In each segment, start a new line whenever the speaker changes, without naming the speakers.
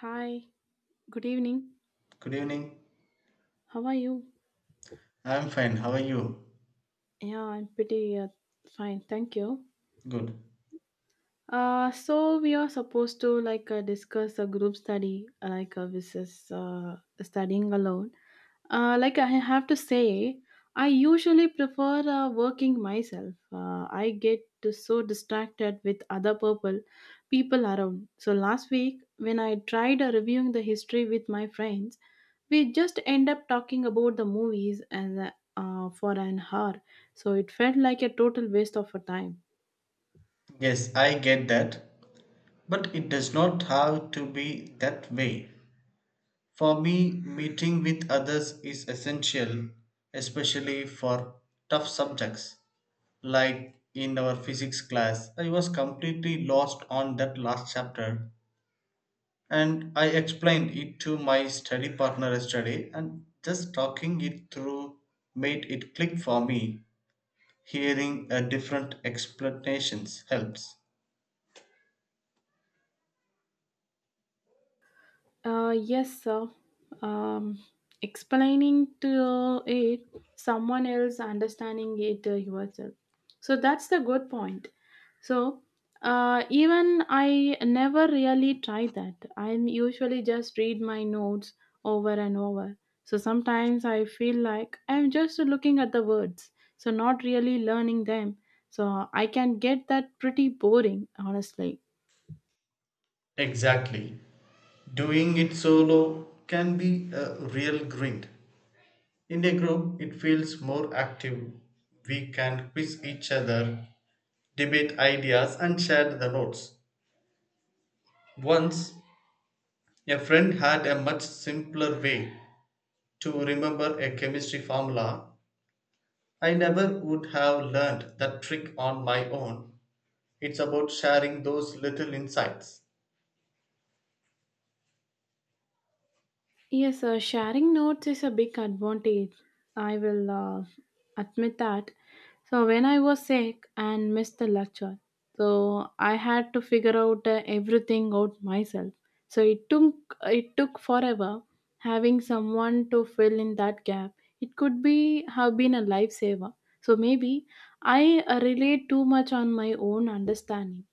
Hi, good evening.
Good evening.
How are you?
I'm fine. How are you?
Yeah, I'm pretty fine, thank you.
Good.
So we are supposed to like discuss a group study, versus studying alone. Like I have to say, I usually prefer working myself. I get to so distracted with other people around. So last week when I tried reviewing the history with my friends. We just end up talking about the movies and for an hour, so it felt like a total waste of our time.
Yes, I get that. But it does not have to be that way. For me, meeting with others is essential, especially for tough subjects. Like in our physics class, I was completely lost on that last chapter. And I explained it to my study partner yesterday, and just talking it through made it click for me. Hearing a different explanations helps.
Yes, sir. Um, Explaining to it someone else, understanding it yourself. So that's the good point. So even I never really try that. I'm usually just read my notes over and over. So sometimes I feel like I'm just looking at the words, so not really learning them. So I can get that pretty boring, honestly.
Exactly. Doing it solo can be a real grind. In a group, it feels more active. We can quiz each other, debate ideas, and share the notes. Once, a friend had a much simpler way to remember a chemistry formula. I never would have learned that trick on my own. It's about sharing those little insights.
Yes, sharing notes is a big advantage. I will admit that. So, when I was sick and missed the lecture, so I had to figure out everything out myself. So it took forever having someone to fill in that gap. It could be have been a lifesaver. So maybe I relate too much on my own understanding.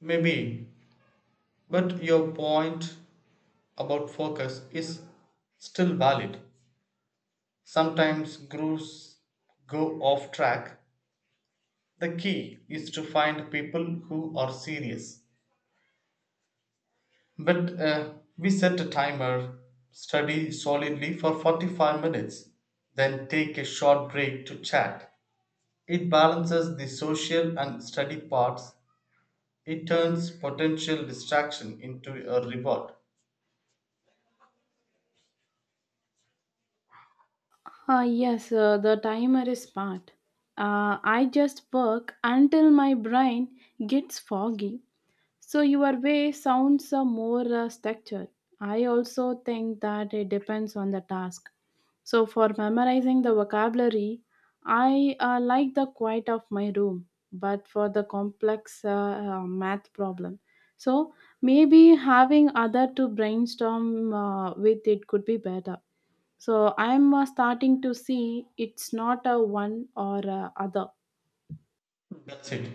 Maybe, but your point about focus is still valid. Sometimes groups go off track. The key is to find people who are serious. But we set a timer, study solidly for 45 minutes, then take a short break to chat. It balances the social and study parts. It turns potential distraction into a reward.
Yes, the timer is smart. I just work until my brain gets foggy. So your way sounds more structured. I also think that it depends on the task. So for memorizing the vocabulary, I like the quiet of my room. But for the complex math problem, so maybe having other to brainstorm with it could be better. So I'm starting to see it's not a one or a other.
That's it.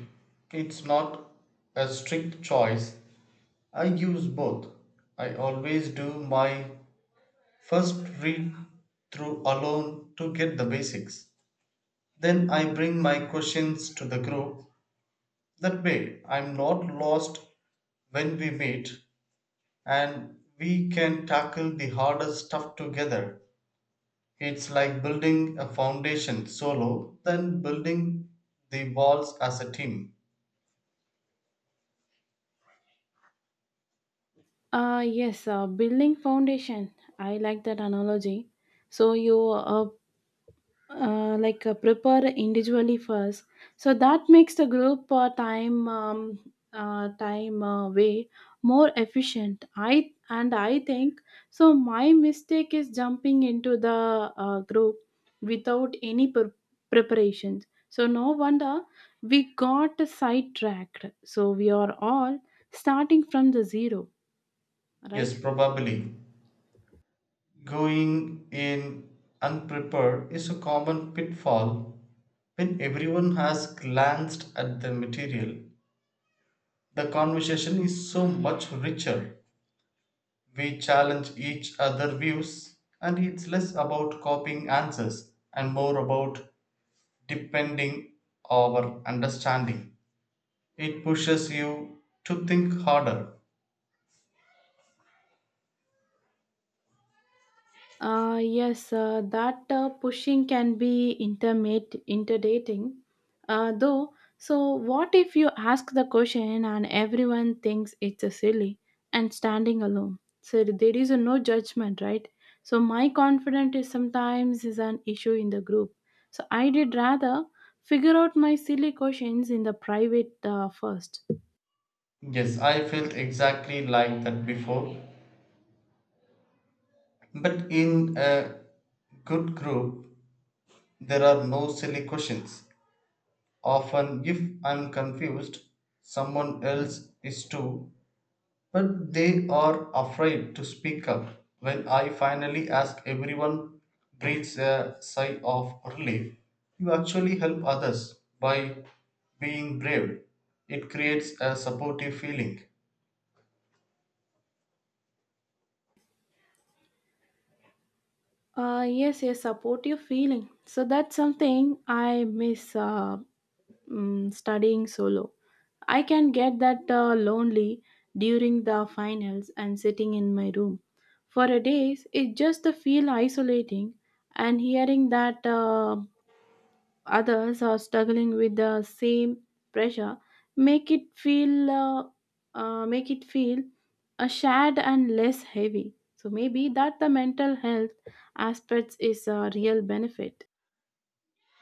It's not a strict choice. I use both. I always do my first read through alone to get the basics. Then I bring my questions to the group. That way, I'm not lost when we meet, and we can tackle the harder stuff together. It's like building a foundation solo, then building the walls as a team.
Yes, building foundation. I like that analogy. So you like prepare individually first. So that makes the group time way more efficient. I and I think so. My mistake is jumping into the group without any preparations. So no wonder we got sidetracked. So we are all starting from the zero,
Yes,
right?
probably. Going in unprepared is a common pitfall. When everyone has glanced at the material, the conversation is so much richer. We challenge each other views, and it's less about copying answers and more about depending our understanding. It pushes you to think harder.
Yes, that pushing can be intermate intimidating, though. So what if you ask the question and everyone thinks it's a silly and standing alone, so there is a no judgment, right? So my confidence is sometimes is an issue in the group, so I did rather figure out my silly questions in the private first.
Yes, I felt exactly like that before. But in a good group, there are no silly questions. Often, if I'm confused, someone else is too, but they are afraid to speak up. When I finally ask, everyone breathes a sigh of relief. You actually help others by being brave. It creates a supportive feeling
Yes, yes, supportive feeling. So that's something I miss. Studying solo. I can get that lonely during the finals and sitting in my room. For a days, it just the feel isolating, and hearing that others are struggling with the same pressure make it feel uh, make it feel a shared and less heavy. So maybe that the mental health aspects is a real benefit.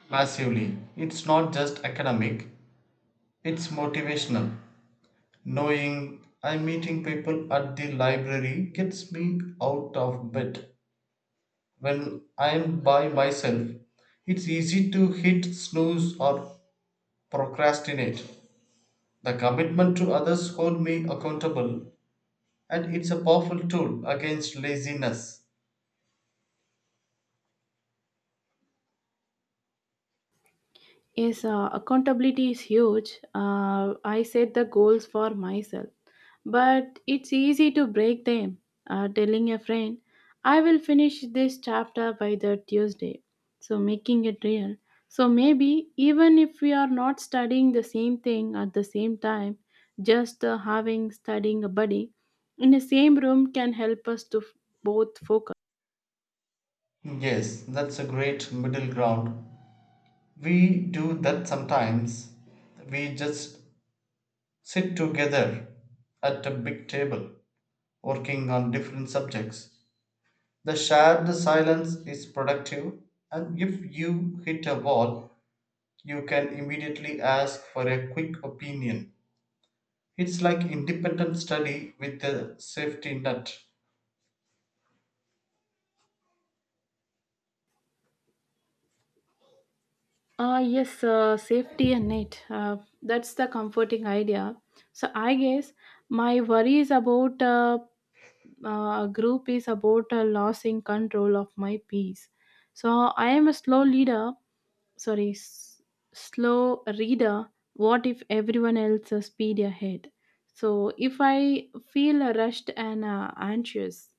massively. It's not just academic, it's motivational. Knowing I'm meeting people at the library gets me out of bed. When I'm by myself, it's easy to hit snooze or procrastinate. The commitment to others hold me accountable, and it's a powerful tool against laziness.
Yes, accountability is huge. I set the goals for myself, but it's easy to break them. Telling a friend, I will finish this chapter by the Tuesday. So, making it real. So, maybe even if we are not studying the same thing at the same time, just having studying a buddy in the same room can help us to both focus.
Yes, that's a great middle ground. We do that sometimes. We just sit together at a big table, working on different subjects. The shared silence is productive, and if you hit a wall, you can immediately ask for a quick opinion. It's like independent study with a safety net.
Ah, yes, safety and net. That's the comforting idea. So I guess my worries about group is about losing control of my peace. So I am a slow leader. Sorry, slow reader. What if everyone else speed ahead? So if I feel rushed and anxious?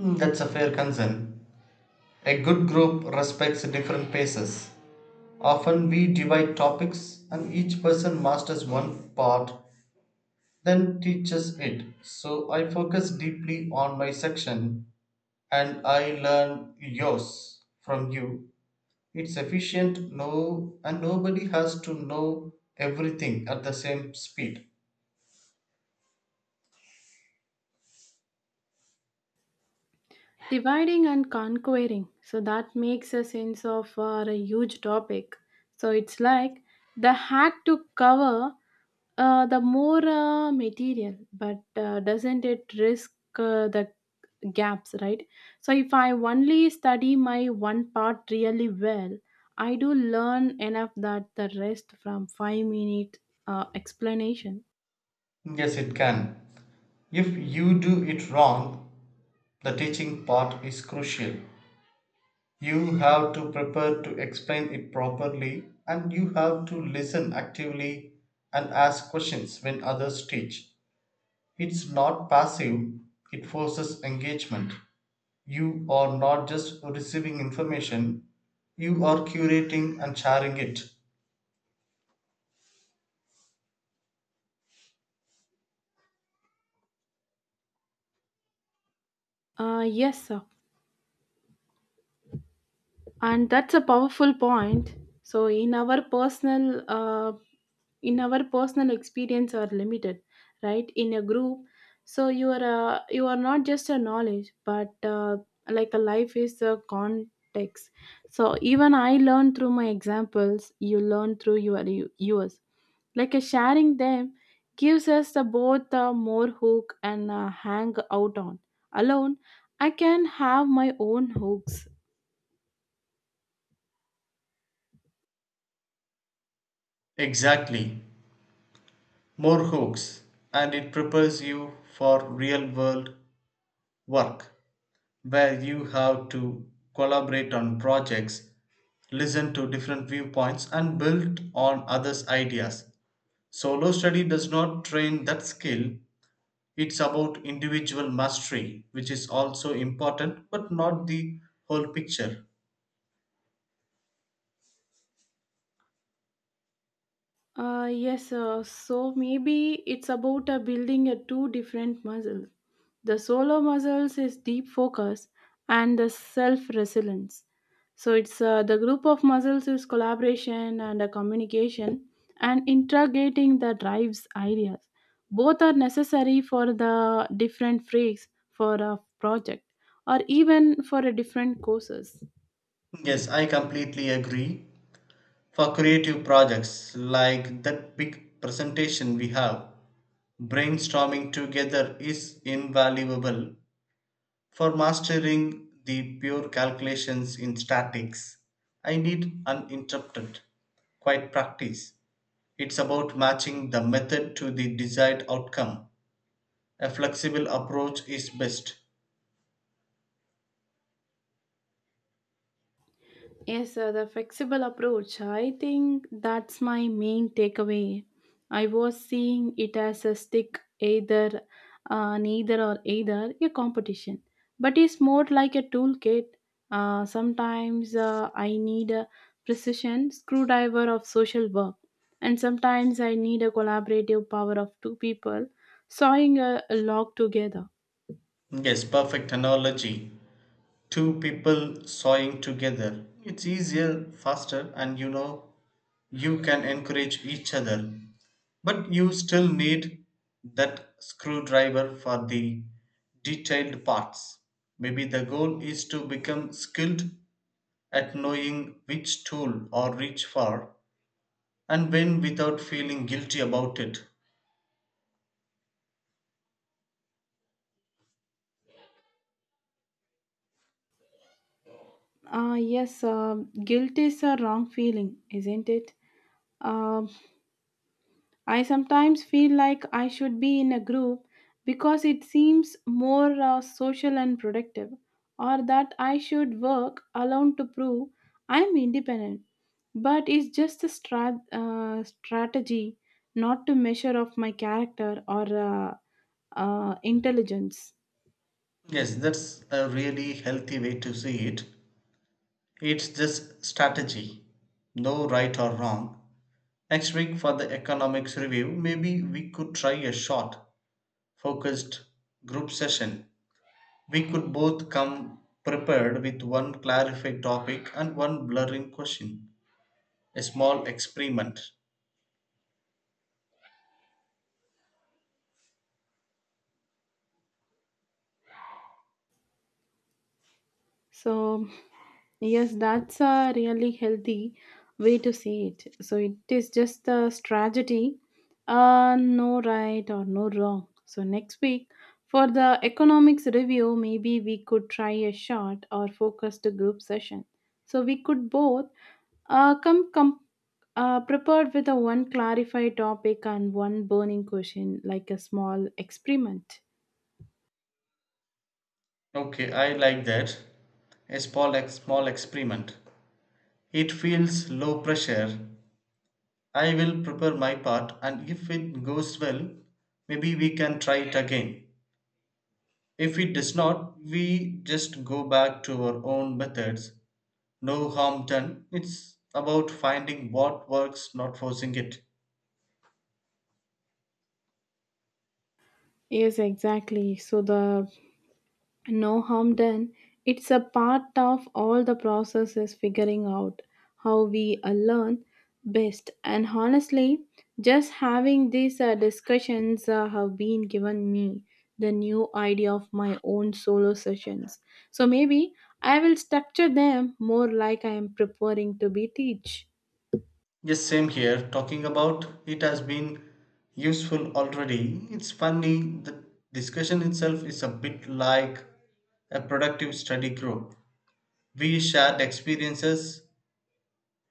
Mm, that's a fair concern. A good group respects different paces. Often we divide topics and each person masters one part, then teaches it. So I focus deeply on my section and I learn yours from you. It's efficient now, and nobody has to know everything at the same speed.
Dividing and conquering. So that makes a sense of a huge topic. So it's like the had to cover the more material, but doesn't it risk the gaps, right? So if I only study my one part really well, I do learn enough that the rest from 5-minute explanation.
Yes, it can. If you do it wrong, the teaching part is crucial. You have to prepare to explain it properly, and you have to listen actively and ask questions when others teach. It's not passive, it forces engagement. You are not just receiving information, you are curating and sharing it.
Yes, sir. And that's a powerful point. So, in our personal experience are limited, right, in a group, so you are not just a knowledge but like a life is a context. So even I learn through my examples, you learn through your yours. Like a sharing them gives us the both more hook and hang out on alone, I can have my own hooks.
Exactly. More hooks. And it prepares you for real world work where you have to collaborate on projects, listen to different viewpoints, and build on others' ideas. Solo study does not train that skill. It's about individual mastery, which is also important but not the whole picture.
Yes, so maybe it's about building a two different muscles. The solo muscles is deep focus and the self resilience. So it's the group of muscles is collaboration and communication and integrating the drives ideas. Both are necessary for the different freaks for a project or even for a different courses.
Yes, I completely agree. For creative projects like that big presentation we have, brainstorming together is invaluable. For mastering the pure calculations in statics, I need uninterrupted, quiet practice. It's about matching the method to the desired outcome. A flexible approach is best.
Yes, sir, the flexible approach. I think that's my main takeaway. I was seeing it as a stick, either, neither or either, a competition. But it's more like a toolkit. Sometimes I need a precision screwdriver of social work, and sometimes I need a collaborative power of two people sawing a log together.
Yes, perfect analogy. Two people sawing together, it's easier, faster, and you know you can encourage each other, but you still need that screwdriver for the detailed parts. Maybe the goal is to become skilled at knowing which tool or reach for and when, without feeling guilty about it.
Yes, guilt is a wrong feeling, isn't it? Um, I sometimes feel like I should be in a group because it seems more social and productive, or that I should work alone to prove I'm independent. But it's just a strategy, not to measure of my character or intelligence.
Yes, that's a really healthy way to see it. It's just strategy, no right or wrong. Next week for the economics review, maybe we could try a short, focused group session. We could both come prepared with one clarified topic and one blurring question. A small experiment.
So, yes, that's a really healthy way to see it. So, it is just a strategy, no right or no wrong. So, next week for the economics review, maybe we could try a short or focused group session. So, we could both come prepared with a one clarified topic and one burning question, like a small experiment.
Okay, I like that. A small, small experiment. It feels low pressure. I will prepare my part, and if it goes well, maybe we can try it again. If it does not, we just go back to our own methods, no harm done. It's about finding what works, not forcing it.
Yes, exactly. So the No harm done. It's a part of all the processes figuring out how we learn best. And honestly, just having these discussions have been given me the new idea of my own solo sessions. So maybe I will structure them more like I am preparing to be teach.
Yes, same here. Talking about it has been useful already. It's funny, the discussion itself is a bit like a productive study group. We shared experiences,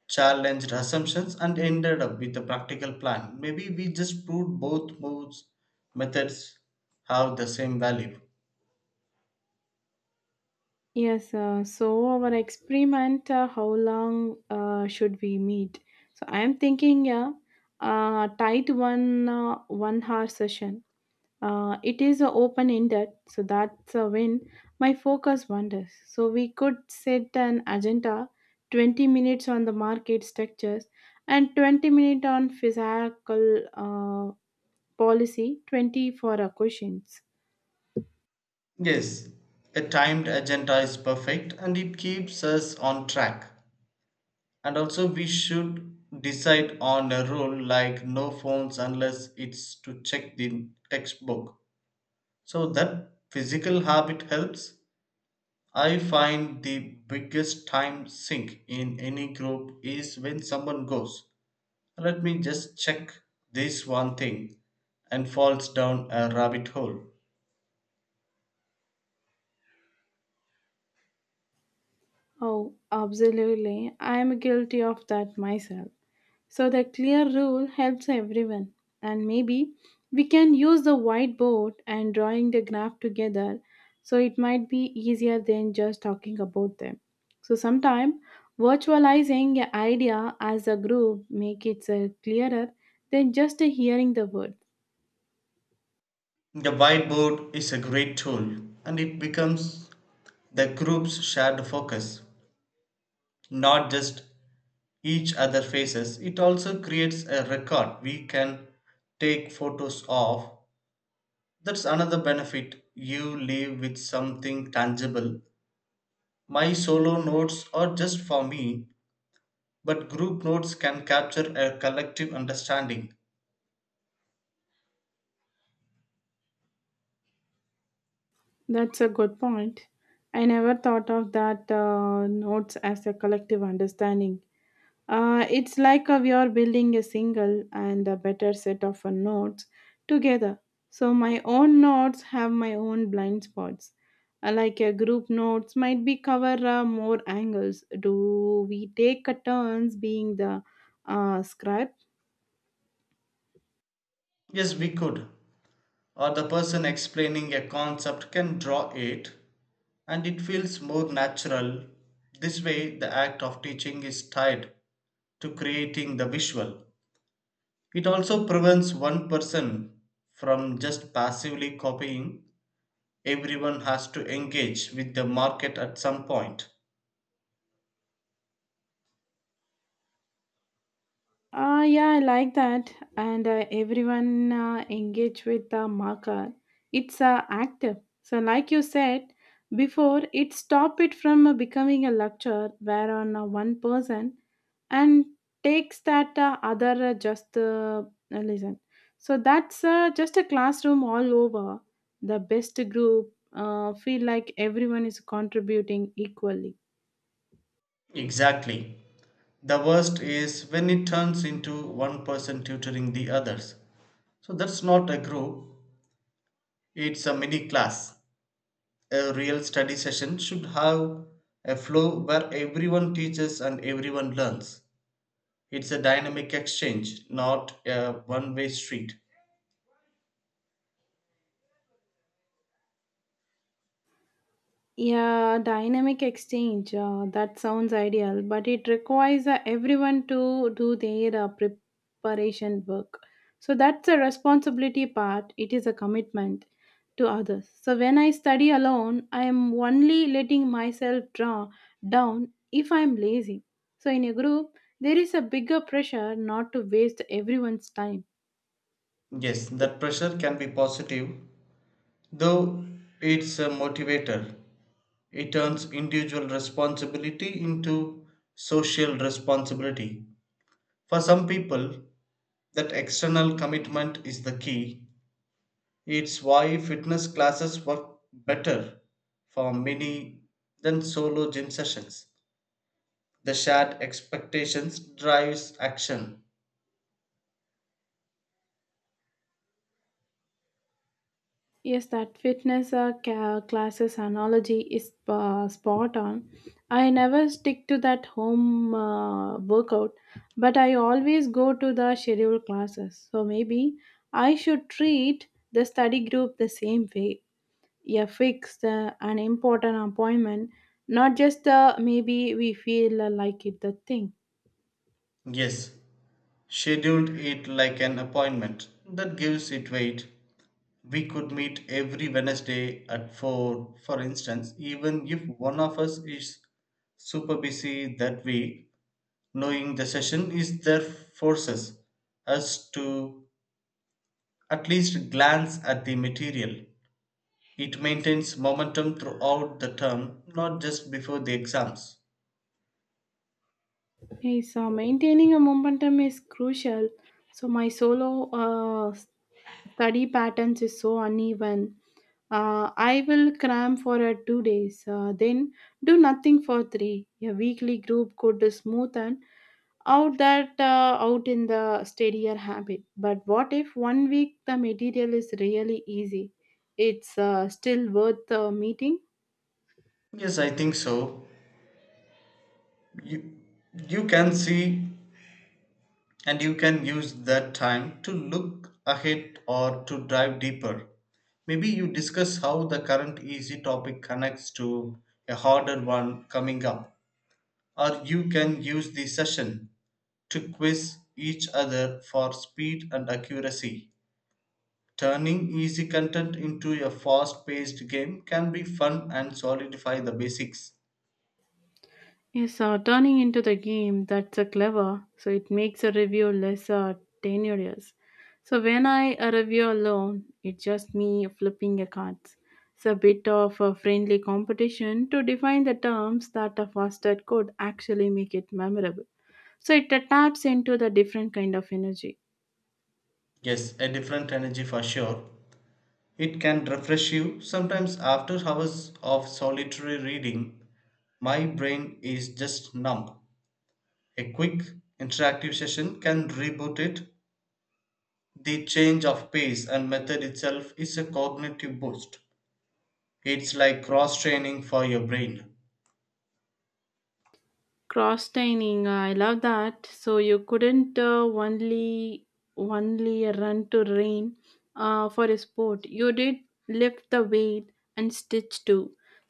challenged assumptions, and ended up with a practical plan. Maybe we just proved both modes, methods, have the same value.
Yes, so our experiment, how long should we meet? So I am thinking, yeah, tight 1-hour session. It is open ended, so that's a win. My focus wanders. So we could set an agenda, 20 minutes on the market structures, and 20 minute on physical policy, 20 for questions.
Yes, a timed agenda is perfect and it keeps us on track. And also, we should decide on a rule like no phones unless it's to check the textbook. So that physical habit helps. I find the biggest time sink in any group is when someone goes, "Let me just check this one thing," and falls down a rabbit hole.
Oh, absolutely! I am guilty of that myself. So the clear rule helps everyone. And maybe we can use the whiteboard and drawing the graph together, so it might be easier than just talking about them. So sometimes virtualizing an idea as a group make it clearer than just hearing the word.
The whiteboard is a great tool and it becomes the group's shared focus, not just each other faces. It also creates a record we can take photos of. That's another benefit. You leave with something tangible. My solo notes are just for me, but group notes can capture a collective understanding.
That's a good point. I never thought of that notes as a collective understanding. It's like we are building a single and a better set of notes together. So my own notes have my own blind spots. Like a group notes might be cover more angles. Do we take a turns being the scribe?
Yes, we could. Or the person explaining a concept can draw it and it feels more natural. This way, the act of teaching is tied to creating the visual. It also prevents one person from just passively copying. Everyone has to engage with the market at some point.
Yeah, I like that. And everyone engage with the marker. It's active. So, like you said before, it stop it from becoming a lecture where on one person and takes that other just listen. So that's just a classroom all over. The best group feel like everyone is contributing equally.
Exactly. The worst is when it turns into one person tutoring the others. So that's not a group, it's a mini class. A real study session should have a flow where everyone teaches and everyone learns. It's a dynamic exchange, not a one way street.
Yeah, dynamic exchange. That sounds ideal, but it requires everyone to do their preparation work. So that's a responsibility part. It is a commitment to others. So when I study alone, I am only letting myself draw down if I am lazy. So in a group, there is a bigger pressure not to waste everyone's time.
Yes, that pressure can be positive, though, it's a motivator. It turns individual responsibility into social responsibility. For some people, that external commitment is the key. It's why fitness classes work better for many than solo gym sessions. The shared expectations drives action.
Yes, that fitness classes analogy is spot on. I never stick to that home workout, but I always go to the scheduled classes. So maybe I should treat the study group the same way. Yeah, fix an important appointment, not just maybe we feel like it the thing.
Yes, scheduled it like an appointment. That gives it weight. We could meet every Wednesday at 4, for instance, even if one of us is super busy that week. Knowing the session is there forces us to at least glance at the material. It maintains momentum throughout the term, not just before the exams.
Yes, maintaining a momentum is crucial. So my solo study patterns is so uneven. I will cram for 2 days, then do nothing for three. A weekly group could smoothen out that out in the steadier habit. But what if one week the material is really easy? It's still worth meeting.
Yes, I think so. You, you can see and you can use that time to look ahead or to dive deeper. Maybe you discuss how the current easy topic connects to a harder one coming up. Or you can use the session to quiz each other for speed and accuracy. Turning easy content into a fast paced game can be fun and solidify the basics.
Yes, turning into the game, that's a clever. So it makes a review less tenuous. So when I review alone, it's just me flipping a cards. It's a bit of a friendly competition to define the terms that a faster could actually make it memorable. So it taps into the different kind of energy.
Yes, a different energy for sure. It can refresh you. Sometimes, after hours of solitary reading, my brain is just numb. A quick interactive session can reboot it. The change of pace and method itself is a cognitive boost. It's like cross training for your brain.
Cross training, I love that. So you couldn't only run to rain, for a sport you did lift the weight and stitch too.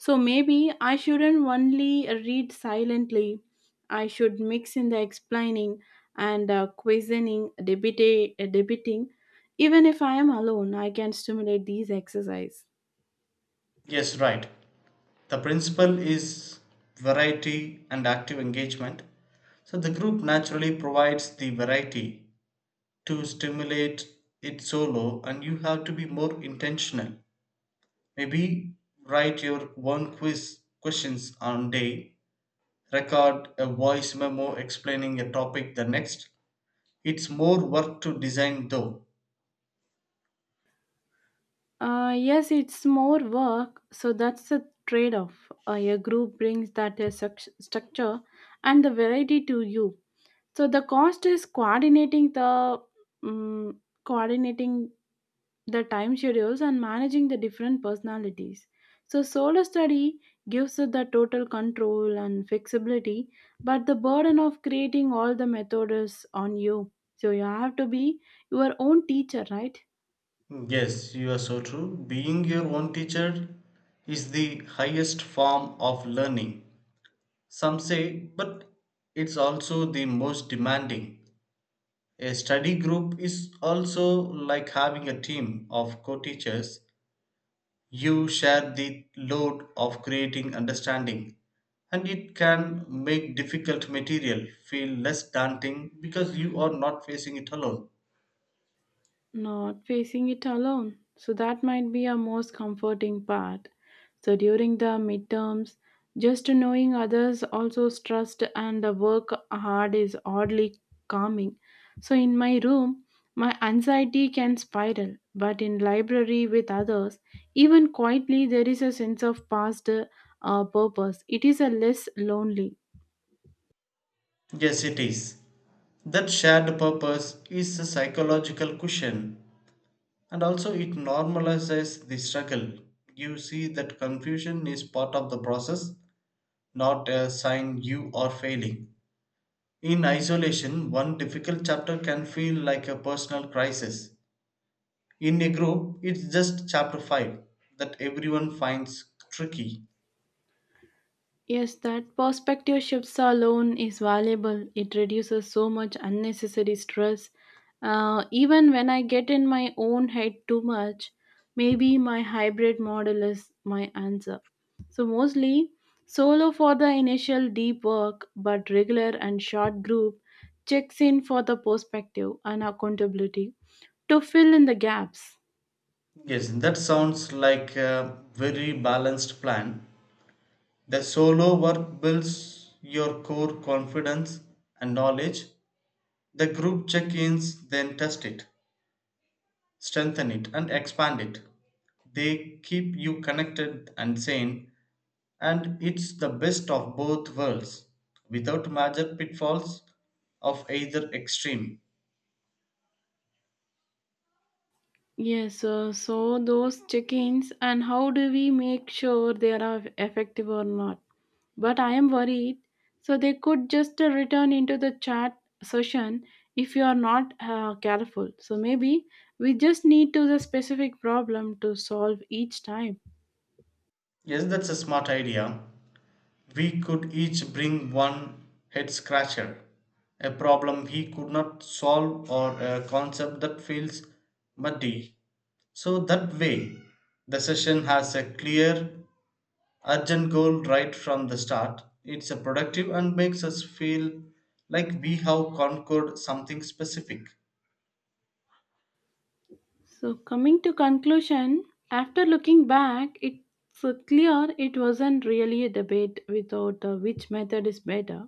So maybe I shouldn't only read silently. I should mix in the explaining and questioning, debating. Even if I am alone, I can stimulate these exercise.
Yes, right. The principle is variety and active engagement. So the group naturally provides the variety to stimulate it solo, and you have to be more intentional. Maybe write your own quiz questions on day, record a voice memo explaining a topic the next. It's more work to design though.
Yes, it's more work, so that's the trade off. A group brings that structure and the variety to you. So the cost is coordinating the time schedules and managing the different personalities. So solo study gives us the total control and flexibility, but the burden of creating all the method is on you. So you have to be your own teacher, right?
Yes, you are so true. Being your own teacher is the highest form of learning. Some say, but it's also the most demanding. A study group is also like having a team of co teachers. You share the load of creating understanding, and it can make difficult material feel less daunting because you are not facing it alone.
Not facing it alone. So that might be our most comforting part. So during the midterms, just knowing others also trust and the work hard is oddly calming. So in my room, my anxiety can spiral, but in library with others, even quietly there is a sense of past purpose. It is a less lonely.
Yes, it is. That shared purpose is a psychological cushion, and also it normalizes the struggle. You see that confusion is part of the process, not a sign you are failing. In isolation, one difficult chapter can feel like a personal crisis. In a group, it's just chapter 5 that everyone finds tricky.
Yes, that perspective shifts alone is valuable. It reduces so much unnecessary stress. Even when I get in my own head too much, maybe my hybrid model is my answer. So, mostly solo for the initial deep work, but regular and short group checks in for the perspective and accountability to fill in the gaps.
Yes, that sounds like a very balanced plan. The solo work builds your core confidence and knowledge. The group check ins then test it, strengthen it, and expand it. They keep you connected and sane. And it's the best of both worlds without major pitfalls of either extreme.
Yes, so those check-ins, and how do we make sure they are effective or not? But I am worried. So they could just return into the chat session if you are not careful. So maybe we just need to the specific problem to solve each time.
Yes, that's a smart idea. We could each bring one head scratcher, a problem he could not solve, or a concept that feels muddy. So that way, the session has a clear, urgent goal right from the start. It's a productive and makes us feel like we have conquered something specific.
So coming to conclusion, after looking back, it's clear it wasn't really a debate without which method is better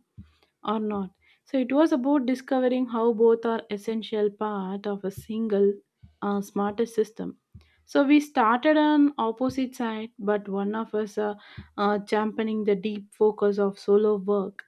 or not. So it was about discovering how both are essential part of a single smarter system. So we started on opposite side, but one of us championing the deep focus of solo work,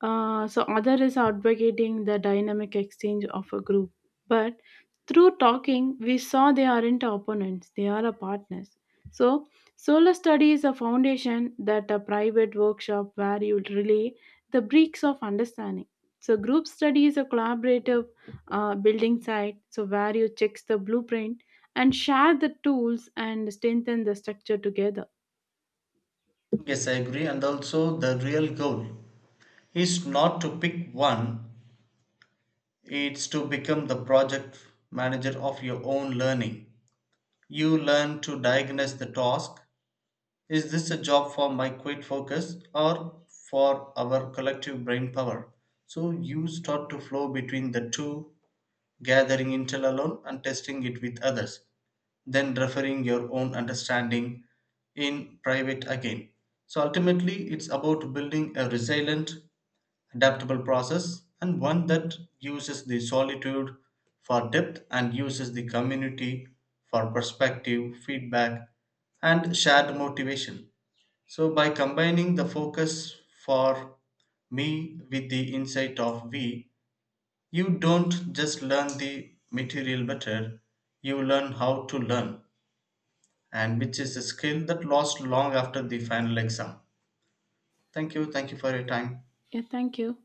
so other is advocating the dynamic exchange of a group. But through talking, we saw they aren't opponents, they are a partners. So solar study is a foundation that a private workshop where you relay the bricks of understanding. So group study is a collaborative building site, so where you checks the blueprint and share the tools and strengthen the structure together.
Yes, I agree. And also, the real goal is not to pick one, it's to become the project manager of your own learning. You learn to diagnose the task. Is this a job for my quick focus or for our collective brain power? So, you start to flow between the two, gathering intel alone and testing it with others, then referring your own understanding in private again. So ultimately, it's about building a resilient, adaptable process, and one that uses the solitude for depth and uses the community for perspective, feedback, and shared motivation. So, by combining the focus for me with the insight of we, you don't just learn the material better, you learn how to learn, and which is a skill that lasts long after the final exam. Thank you for your time.
Yeah, thank you.